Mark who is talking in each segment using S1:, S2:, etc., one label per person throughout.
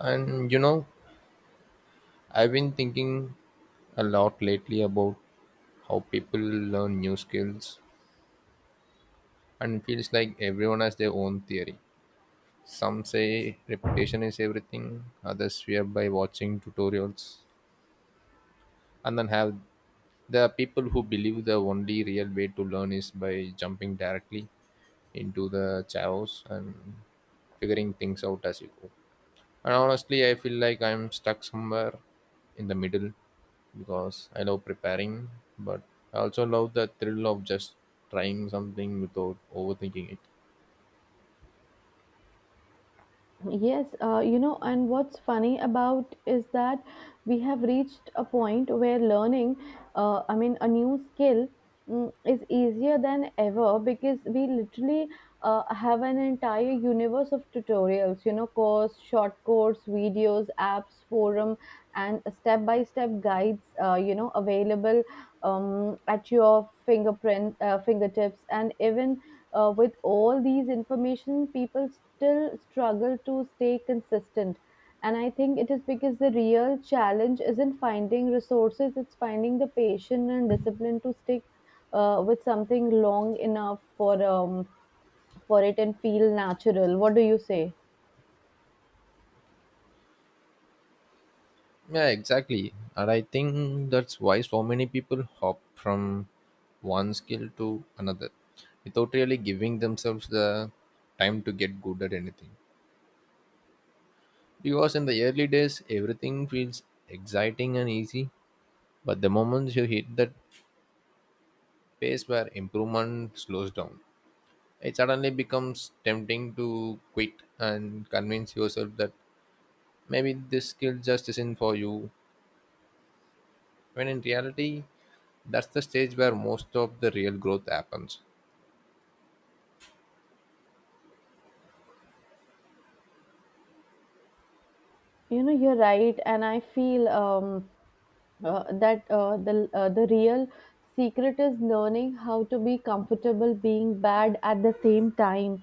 S1: And you know, I've been thinking a lot lately about how people learn new skills, and it feels like everyone has their own theory. Some say repetition is everything, others swear by watching tutorials, and then have the people who believe the only real way to learn is by jumping directly into the chaos and figuring things out as you go. And honestly, I feel like I'm stuck somewhere in the middle because I love preparing, but I also love the thrill of just trying something without overthinking it.
S2: Yes, and what's funny about is that we have reached a point where learning, I mean, a new skill, is easier than ever, because we literally have an entire universe of tutorials, you know, course, short course, videos, apps, forum, and step-by-step guides, available, at your fingertips. And even with all these information, people still struggle to stay consistent. And I think it is because the real challenge isn't finding resources, it's finding the patience and discipline to stick with something long enough for it and feel natural. What do you say?
S1: Yeah, exactly. And I think that's why so many people hop from one skill to another without really giving themselves the time to get good at anything. Because in the early days, everything feels exciting and easy, but the moment you hit that pace where improvement slows down, it suddenly becomes tempting to quit and convince yourself that maybe this skill just isn't for you, when in reality that's the stage where most of the real growth happens.
S2: You know, you're right. And I feel that the real secret is learning how to be comfortable being bad at the same time,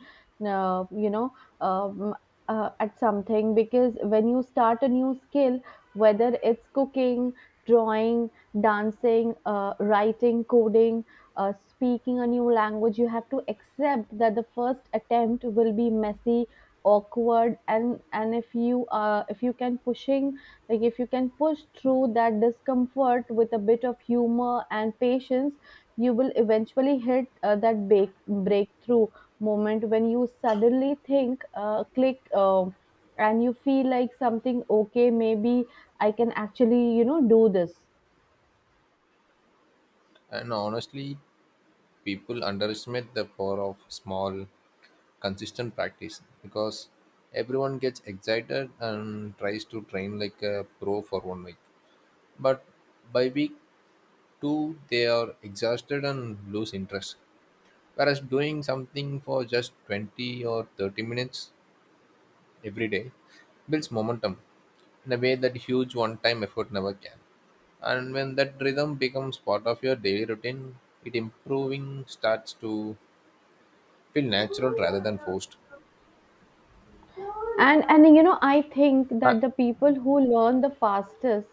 S2: uh, you know um, at something, because when you start a new skill, whether it's cooking, drawing, dancing, writing, coding, speaking a new language, you have to accept that the first attempt will be messy, awkward. And if you can pushing like if you can push through that discomfort with a bit of humor and patience, you will eventually hit that breakthrough moment when you suddenly think, click, and you feel like something. Okay, maybe I can actually, do this.
S1: And honestly, people underestimate the power of small consistent practice, because everyone gets excited and tries to train like a pro for 1 week, but by week two they are exhausted and lose interest. Whereas doing something for just 20 or 30 minutes every day builds momentum in a way that huge one time effort never can. And when that rhythm becomes part of your daily routine, it improving starts to feel natural rather than forced.
S2: And you know, I think
S1: Uh,
S2: that the people who learn the fastest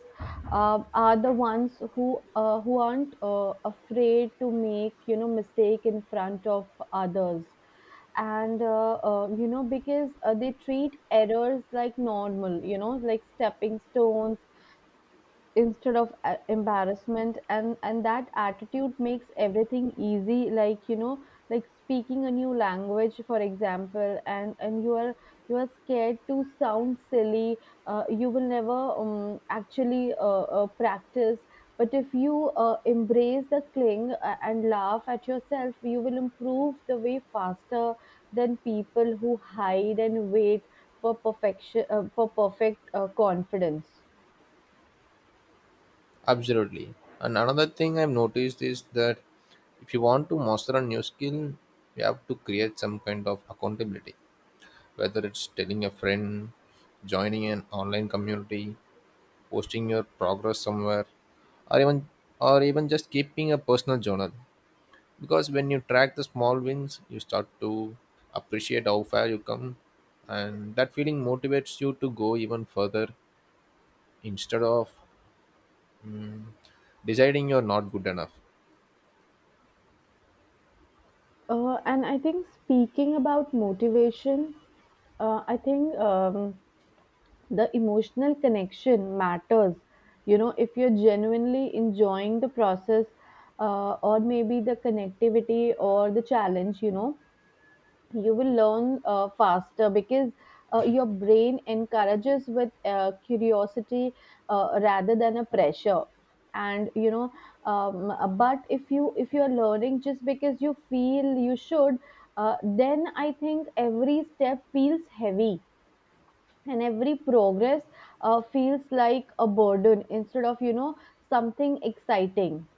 S2: are the ones who aren't afraid to make, mistake in front of others. And because they treat errors like normal, you know, like stepping stones instead of embarrassment. And that attitude makes everything easy, like, you know, like speaking a new language for example. And you are scared to sound silly, you will never actually practice. But if you embrace the cling and laugh at yourself, you will improve the way faster than people who hide and wait for perfect confidence.
S1: Absolutely. And another thing I've noticed is that if you want to master a new skill, you have to create some kind of accountability. Whether it's telling a friend, joining an online community, posting your progress somewhere, or even or even just keeping a personal journal, because when you track the small wins you start to appreciate how far you come, and that feeling motivates you to go even further instead of deciding you're not good enough.
S2: And I think, speaking about motivation, I think, the emotional connection matters. You know, if you're genuinely enjoying the process, or maybe the connectivity or the challenge, you know, you will learn faster because your brain encourages with curiosity rather than a pressure. And you know, um, but if you're learning just because you feel you should, then I think every step feels heavy, and every progress feels like a burden instead of, you know, something exciting.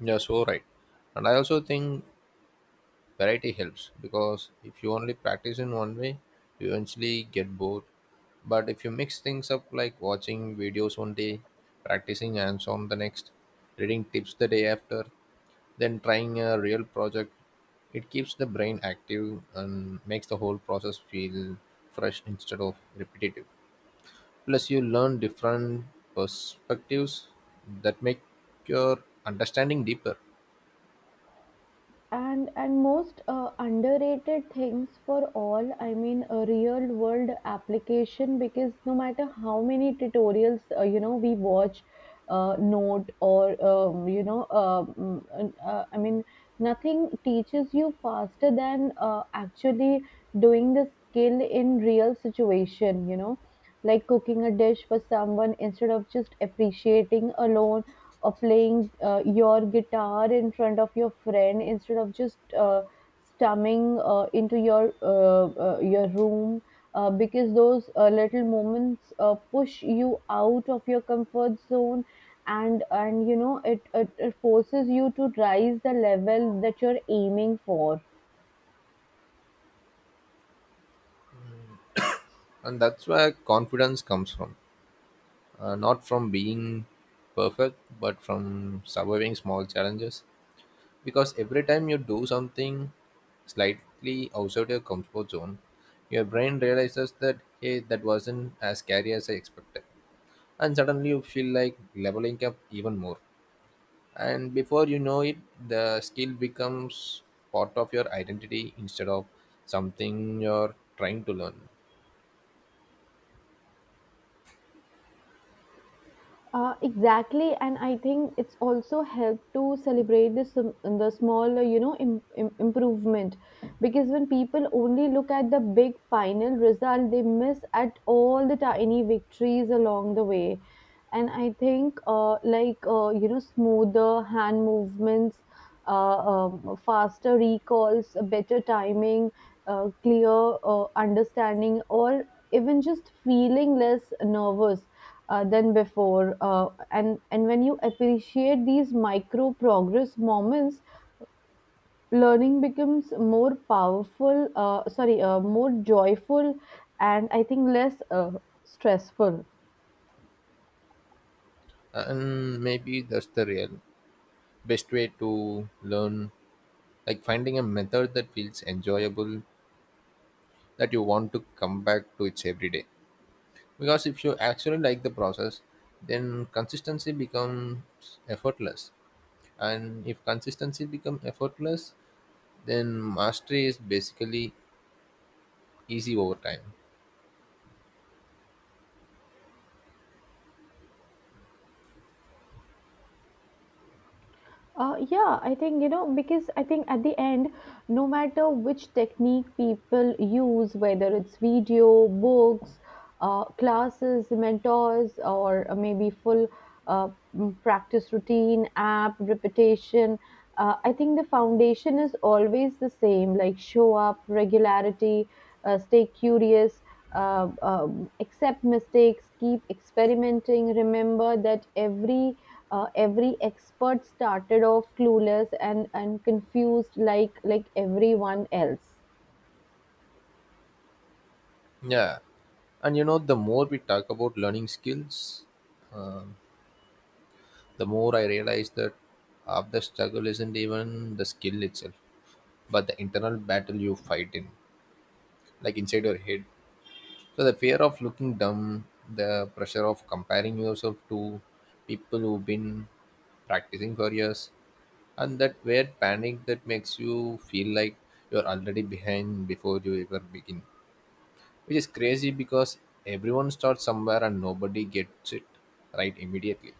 S1: You're so right. And I also think variety helps, because if you only practice in one way, you eventually get bored. But if you mix things up like watching videos one day, practicing hands on the next, reading tips the day after, then trying a real project, it keeps the brain active and makes the whole process feel fresh instead of repetitive. Plus, you learn different perspectives that make your understanding deeper,
S2: And most underrated things for all, I mean, a real world application, because no matter how many tutorials, we watch note, or I mean, nothing teaches you faster than actually doing the skill in real situation, you know. Like cooking a dish for someone instead of just appreciating alone, or playing your guitar in front of your friend instead of just stumbling into your room. Because those little moments push you out of your comfort zone. And you know, it forces you to rise the level that you're aiming for.
S1: and that's where confidence comes from. Not from being perfect, but from surviving small challenges, because every time you do something slightly outside your comfort zone, your brain realizes that hey, that wasn't as scary as I expected, and suddenly you feel like leveling up even more. And before you know it, the skill becomes part of your identity instead of something you're trying to learn.
S2: Exactly, and I think it's also helped to celebrate the small, you know, improvement, because when people only look at the big final result, they miss at all the tiny victories along the way. And I think, like, you know, smoother hand movements, faster recalls, better timing, clear understanding, all, even just feeling less nervous than before. And when you appreciate these micro progress moments, learning becomes more powerful, sorry more joyful, and I think less stressful.
S1: And maybe that's the real best way to learn, like finding a method that feels enjoyable, that you want to come back to it's every day, because if you actually like the process, then consistency becomes effortless, and if consistency becomes effortless, then mastery is basically easy over time.
S2: Yeah, I think, you know, because I think at the end, no matter which technique people use, whether it's video, books, classes, mentors, or maybe full practice routine, app, repetition, I think the foundation is always the same, like show up, regularity, stay curious, accept mistakes, keep experimenting, remember that every expert started off clueless and confused, like everyone else.
S1: Yeah, and you know, the more we talk about learning skills, um, the more I realize that half the struggle isn't even the skill itself, but the internal battle you fight in, like inside your head. So the fear of looking dumb, the pressure of comparing yourself to people who've been practicing for years, and that weird panic that makes you feel like you're already behind before you ever begin. Which is crazy because everyone starts somewhere and nobody gets it right immediately.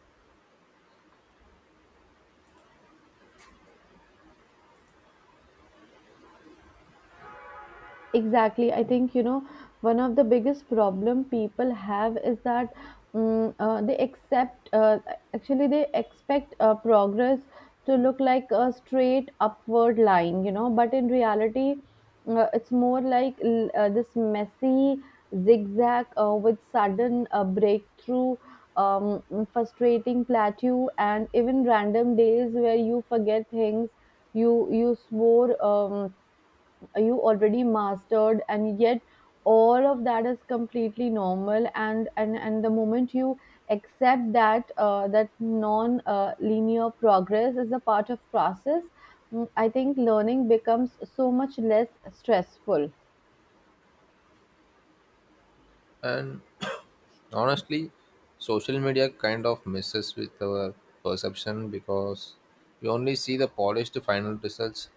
S2: Exactly. I think, you know, one of the biggest problem people have is that, they accept, actually, they expect progress to look like a straight upward line, you know, but in reality, it's more like this messy zigzag with sudden breakthrough, um, frustrating plateau, and even random days where you forget things you swore, you already mastered, and yet all of that is completely normal. And the moment you accept that, that non linear progress is a part of process, I think learning becomes so much less stressful.
S1: And honestly, social media kind of messes with our perception, because we only see the polished final results,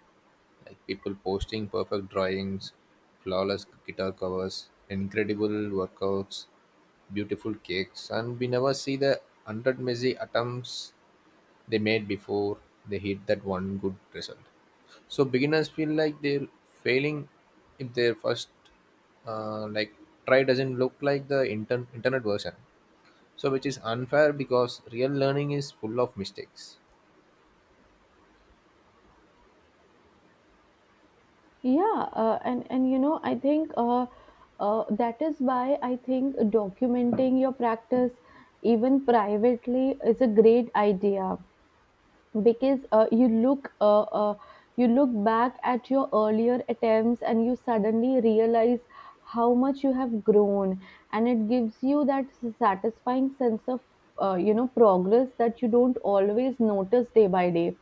S1: like people posting perfect drawings, flawless guitar covers, incredible workouts, beautiful cakes, and we never see the hundred messy attempts they made before they hit that one good result. So beginners feel like they're failing if their first like try doesn't look like the internet version. So which is unfair, because real learning is full of mistakes.
S2: Yeah, and you know, I think, that is why I think documenting your practice even privately is a great idea, because you look back at your earlier attempts, and you suddenly realize how much you have grown. And it gives you that satisfying sense of, you know, progress that you don't always notice day by day,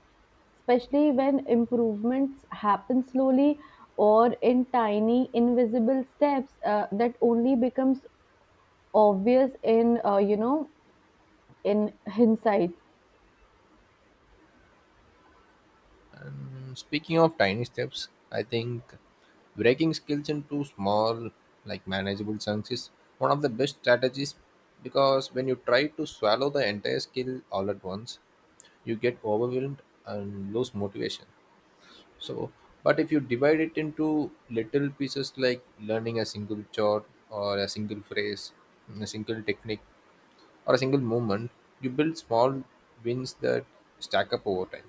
S2: especially when improvements happen slowly or in tiny invisible steps that only becomes obvious in, you know, in hindsight.
S1: And speaking of tiny steps, I think breaking skills into small, like manageable chunks is one of the best strategies, because when you try to swallow the entire skill all at once, you get overwhelmed and lose motivation. So, but if you divide it into little pieces like learning a single chord or a single phrase, a single technique, or a single movement, you build small wins that stack up over time.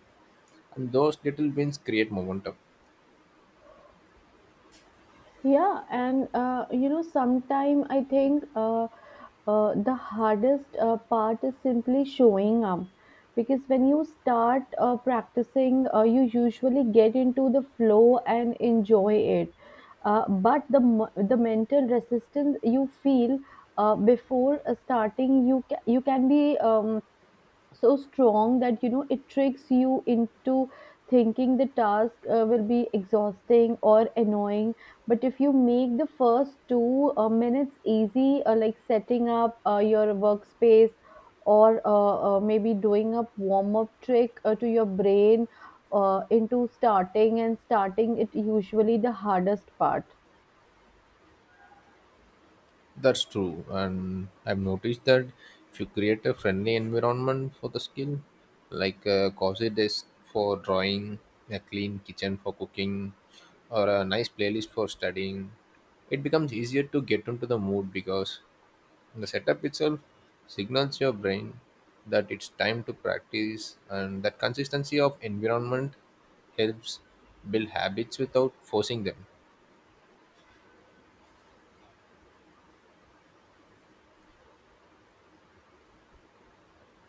S1: And those little wins create momentum.
S2: Yeah, and you know, sometime I think the hardest part is simply showing up, because when you start practicing, you usually get into the flow and enjoy it. But the mental resistance you feel before starting, you can be, so strong that, you know, it tricks you into thinking the task will be exhausting or annoying. But if you make the first 2 minutes easy, like setting up your workspace, or maybe doing a warm up trick to your brain into starting, and starting it usually the hardest part.
S1: That's true, and I've noticed that if you create a friendly environment for the skill, like a cozy desk for drawing, a clean kitchen for cooking, or a nice playlist for studying, it becomes easier to get into the mood, because the setup itself signals your brain that it's time to practice, and that consistency of environment helps build habits without forcing them.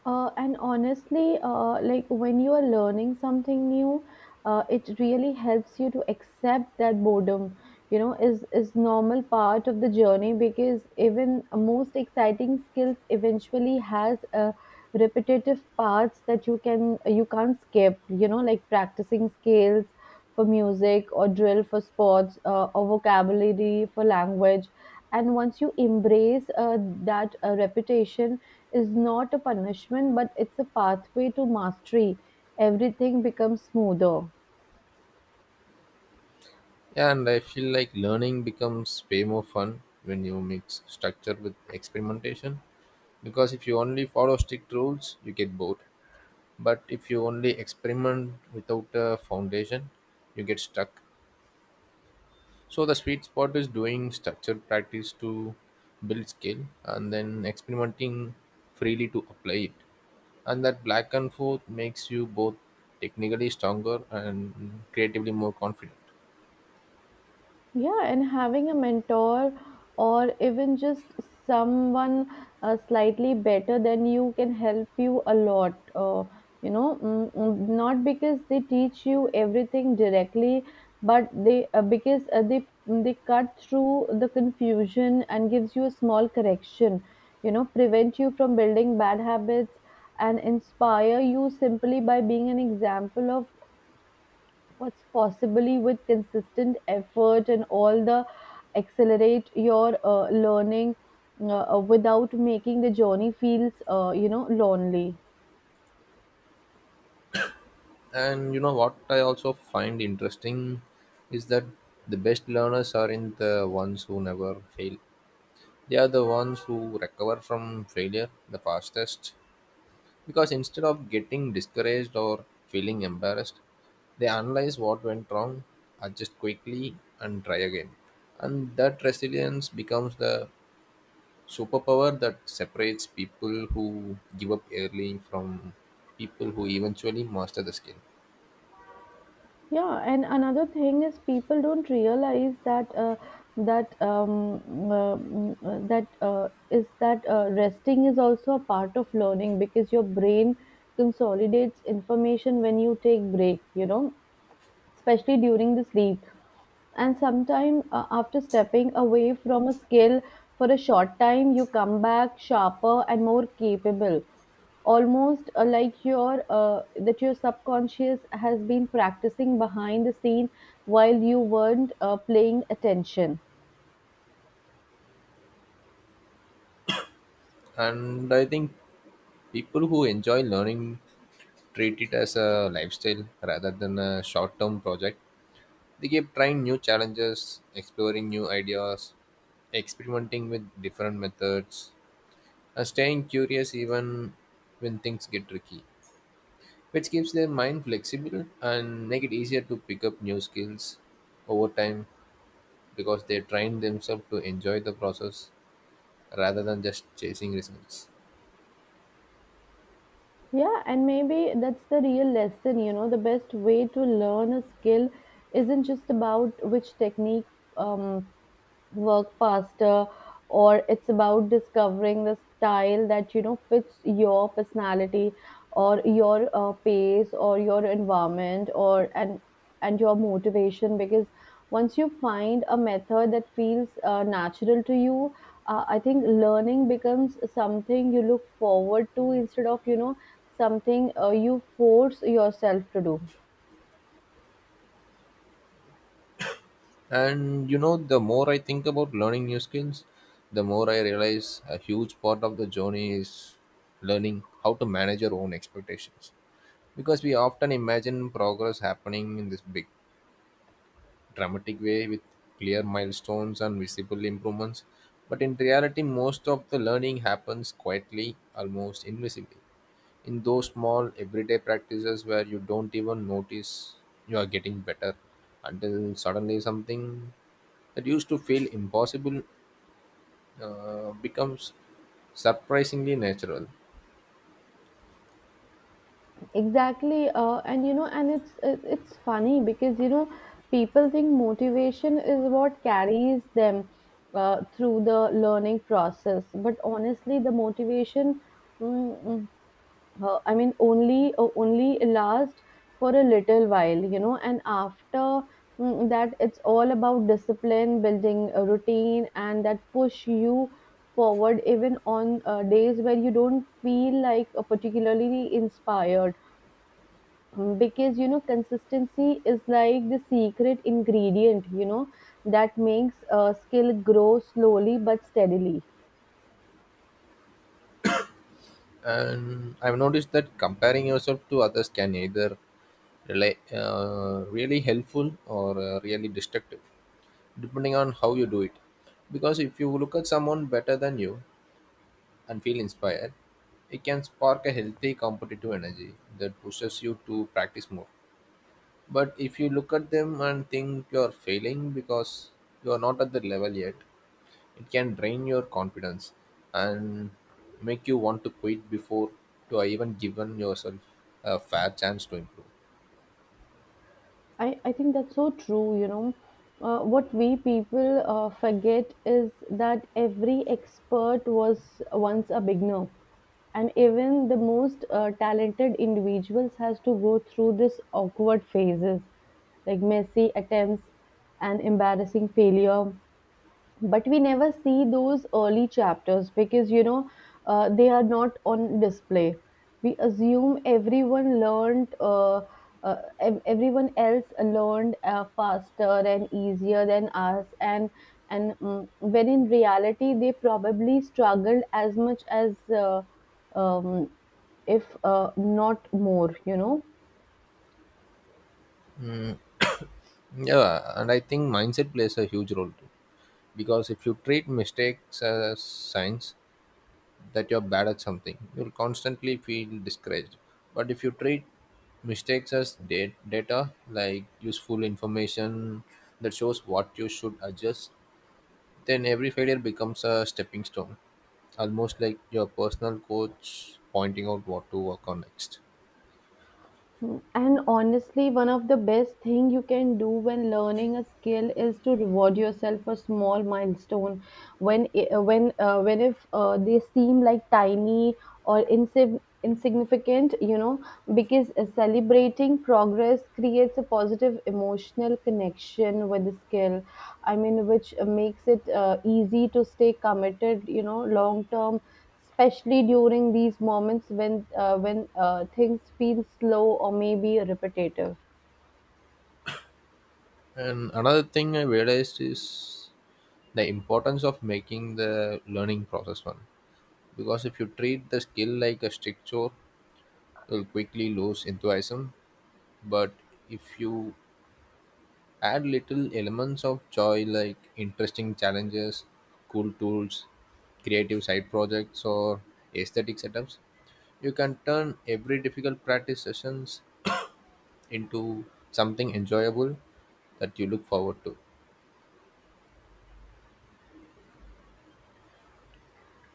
S2: And honestly, like when you are learning something new, it really helps you to accept that boredom, you know, is normal part of the journey, because even most exciting skills eventually has repetitive parts that you can't skip, you know, like practicing scales for music, or drill for sports, or vocabulary for language. And once you embrace that reputation is not a punishment, but it's a pathway to mastery, everything becomes smoother.
S1: Yeah, and I feel like learning becomes way more fun when you mix structure with experimentation. Because if you only follow strict rules, you get bored. But if you only experiment without a foundation, you get stuck. So the sweet spot is doing structured practice to build skill, and then experimenting freely to apply it. And that black and forth makes you both technically stronger and creatively more confident.
S2: Yeah, and having a mentor, or even just someone slightly better than you, can help you a lot. You know, not because they teach you everything directly, but they cut through the confusion and gives you a small correction. You know, prevent you from building bad habits, and inspire you simply by being an example of what's possibly with consistent effort, and all the accelerate your learning, without making the journey feels, you know, lonely.
S1: And you know what I also find interesting is that the best learners aren't the ones who never fail. They are the ones who recover from failure the fastest. Because instead of getting discouraged or feeling embarrassed, they analyze what went wrong, adjust quickly, and try again. And that resilience becomes the superpower that separates people who give up early from people who eventually master the skill.
S2: Yeah, and another thing is, people don't realize that resting is also a part of learning, because your brain consolidates information when you take break, you know, especially during the sleep. And sometime after stepping away from a skill for a short time, you come back sharper and more capable. Almost like your, that your subconscious has been practicing behind the scene, while you weren't paying attention.
S1: And I think people who enjoy learning treat it as a lifestyle rather than a short term project. They keep trying new challenges, exploring new ideas, experimenting with different methods, and staying curious even when things get tricky, which keeps their mind flexible and make it easier to pick up new skills over time, because they train themselves to enjoy the process rather than just chasing results.
S2: Yeah, and maybe that's the real lesson. You know, the best way to learn a skill isn't just about which technique um, work faster, or it's about discovering the style that fits your personality or your pace or your environment or and your motivation. Because once you find a method that feels natural to you, I think learning becomes something you look forward to instead of something you force yourself to do.
S1: And you know, the more I think about learning new skills, the more I realize a huge part of the journey is learning how to manage your own expectations. Because we often imagine progress happening in this big dramatic way with clear milestones and visible improvements. But in reality, most of the learning happens quietly, almost invisibly, in those small everyday practices where you don't even notice you are getting better, until suddenly something that used to feel impossible becomes surprisingly natural.
S2: Exactly, and you know, and it's funny because you know, people think motivation is what carries them through the learning process, but honestly, the motivation, mm, mm, I mean, only lasts for a little while, you know, and after that, it's all about discipline, building a routine, and that push you forward even on days where you don't feel like particularly inspired, because you know consistency is like the secret ingredient, you know, that makes a skill grow slowly but steadily.
S1: And I've noticed that comparing yourself to others can either rela really helpful or really destructive, depending on how you do it. Because if you look at someone better than you and feel inspired, it can spark a healthy competitive energy that pushes you to practice more. But if you look at them and think you're failing because you're not at the level yet, it can drain your confidence and make you want to quit before you are even given yourself a fair chance to improve.
S2: I think that's so true, you know. What we people forget is that every expert was once a beginner, and even the most talented individuals has to go through this awkward phases, like messy attempts and embarrassing failure, but we never see those early chapters because you know they are not on display. We assume everyone learned everyone else learned faster and easier than us, and when in reality they probably struggled as much as um, if not more, you know.
S1: Mm, yeah, and I think mindset plays a huge role too. Because if you treat mistakes as signs that you're bad at something, you'll constantly feel discouraged. But if you treat mistakes as data, like useful information that shows what you should adjust, then every failure becomes a stepping stone, almost like your personal coach pointing out what to work on next.
S2: And honestly, one of the best thing you can do when learning a skill is to reward yourself for small milestone when I- when if they seem like tiny or insignificant, you know, because celebrating progress creates a positive emotional connection with the skill. I mean, which makes it easy to stay committed, you know, long term, especially during these moments when things feel slow or maybe repetitive.
S1: And another thing I realized is the importance of making the learning process fun. Because if you treat the skill like a strict chore, you'll quickly lose enthusiasm. But if you add little elements of joy like interesting challenges, cool tools, creative side projects, or aesthetic setups, you can turn every difficult practice sessions into something enjoyable that you look forward to.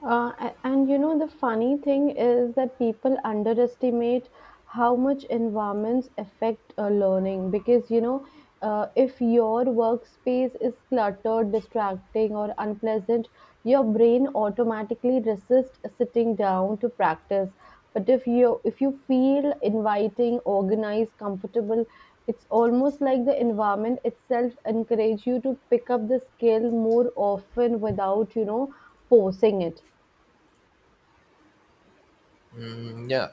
S2: And you know, the funny thing is that people underestimate how much environments affect learning because, you know, if your workspace is cluttered, distracting, or unpleasant, your brain automatically resists sitting down to practice. But if you feel inviting, organized, comfortable, it's almost like the environment itself encourages you to pick up the skill more often without forcing it.
S1: Mm, yeah,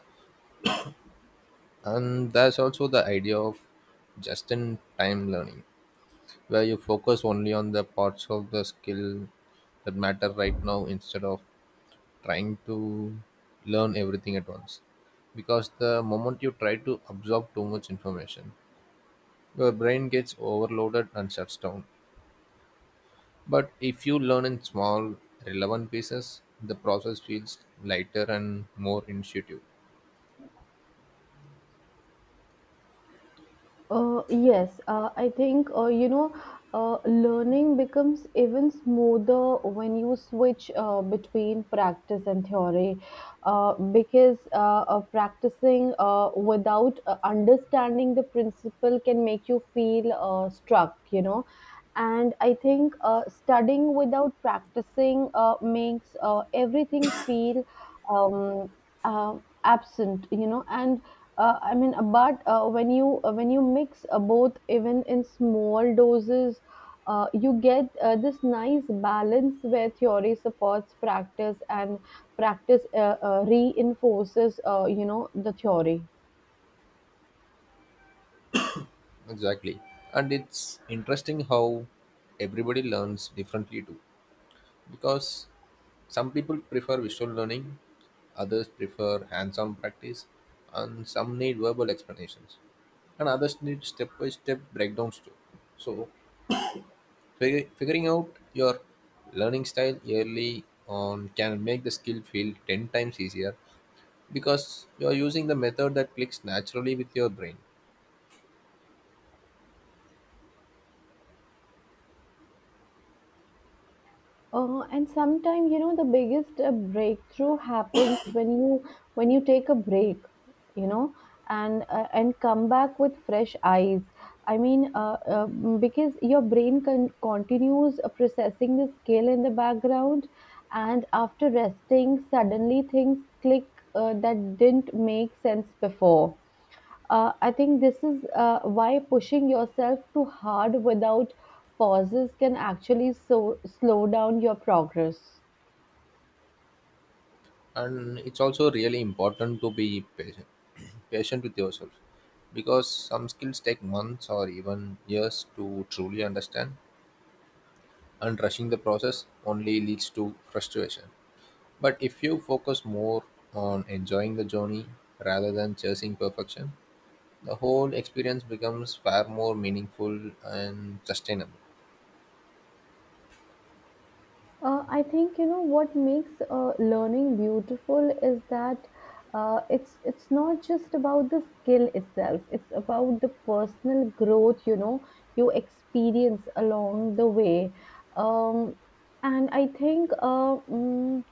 S1: and there's also the idea of just in time learning, where you focus only on the parts of the skill that matter right now instead of trying to learn everything at once. Because the moment you try to absorb too much information, your brain gets overloaded and shuts down. But if you learn in small, relevant pieces, the process feels lighter and more intuitive.
S2: Yes, I think you know, learning becomes even smoother when you switch between practice and theory, because practicing without understanding the principle can make you feel struck, you know. And I think studying without practicing makes everything feel um, uh, absent, you know. And uh, i mean uh, but uh, when you mix both, even in small doses, you get this nice balance where theory supports practice and practice reinforces, the theory.
S1: Exactly. And it's interesting how everybody learns differently too. Because some people prefer visual learning, others prefer hands on practice, and some need verbal explanations, and others need step by step breakdowns too. So, figuring out your learning style early on can make the skill feel 10 times easier, because you're using the method that clicks naturally with your brain.
S2: And sometimes, you know, the biggest breakthrough happens when you take a break, you know, and come back with fresh eyes. i mean uh, uh, because your brain continues processing the skill in the background, and after resting, suddenly things click that didn't make sense before. I think this is why pushing yourself too hard without pauses can actually so slow down your progress.
S1: And it's also really important to be patient patient with yourself, because some skills take months or even years to truly understand, and rushing the process only leads to frustration. But if you focus more on enjoying the journey rather than chasing perfection, the whole experience becomes far more meaningful and sustainable.
S2: I think you know what makes learning beautiful is that it's not just about the skill itself. It's about the personal growth, you know, you experience along the way, um, and I think.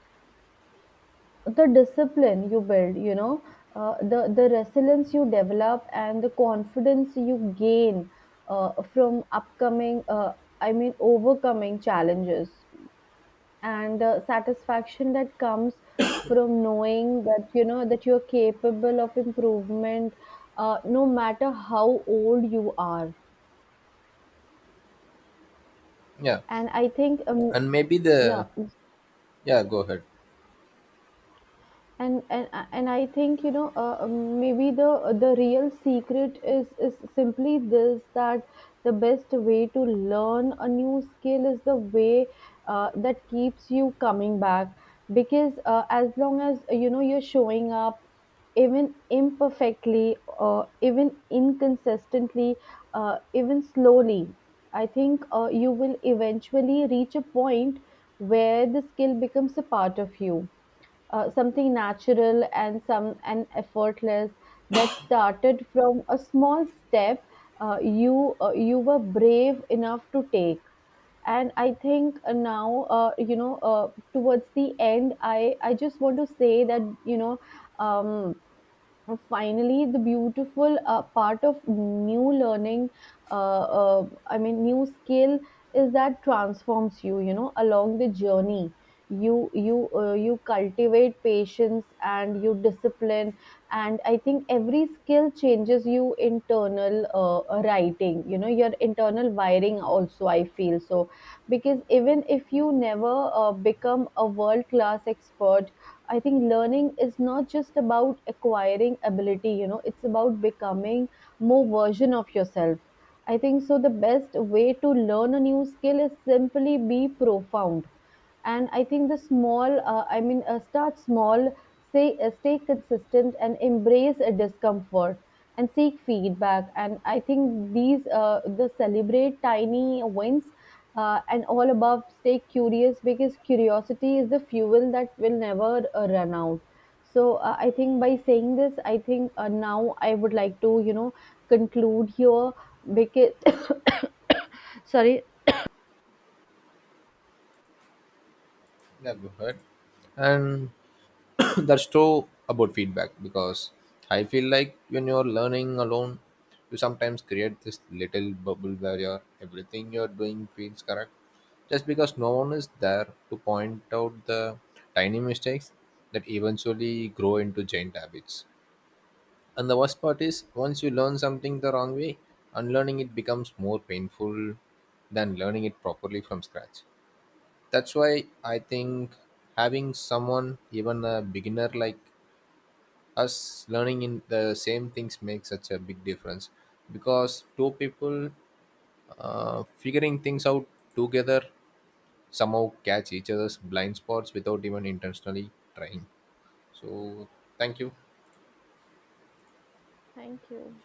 S2: The discipline you build, you know, the resilience you develop, and the confidence you gain from upcoming I mean overcoming challenges, and the satisfaction that comes from knowing, that you're capable of improvement no matter how old you are.
S1: Yeah.
S2: and i think um,
S1: And maybe
S2: yeah
S1: the, yeah, go ahead.
S2: and and and I think, you know, maybe the real secret is simply this, that the best way to learn a new skill is the way that keeps you coming back, because as long as you know you're showing up, even imperfectly, even inconsistently, uh, even slowly, I think you will eventually reach a point where the skill becomes a part of you, something natural and some and effortless, that started from a small step you were brave enough to take. And I think now you know, towards the end, I just want to say that, you know, um, finally, the beautiful part of new learning, I mean new skill, is that transforms you, you know, along the journey. You you cultivate patience and you discipline, and I think every skill changes you internal writing you know, your internal wiring also, I feel so, because even if you never become a world class expert, I think learning is not just about acquiring ability, you know, it's about becoming more version of yourself. I think so the best way to learn a new skill is simply be profound. And I think the start small, say, stay consistent and embrace a discomfort and seek feedback. And I think these, the celebrate tiny wins and all above, stay curious, because curiosity is the fuel that will never run out. So I think, by saying this, I think now I would like to, you know, conclude here because sorry.
S1: Yeah, go ahead. And that's true about feedback, because I feel like when you're learning alone, you sometimes create this little bubble where you're, everything you're doing feels correct just because no one is there to point out the tiny mistakes that eventually grow into giant habits. And the worst part is, once you learn something the wrong way, unlearning it becomes more painful than learning it properly from scratch. That's why I think having someone, even a beginner like us learning in the same things, makes such a big difference, because two people figuring things out together somehow catch each other's blind spots without even intentionally trying. So thank you.
S2: Thank you.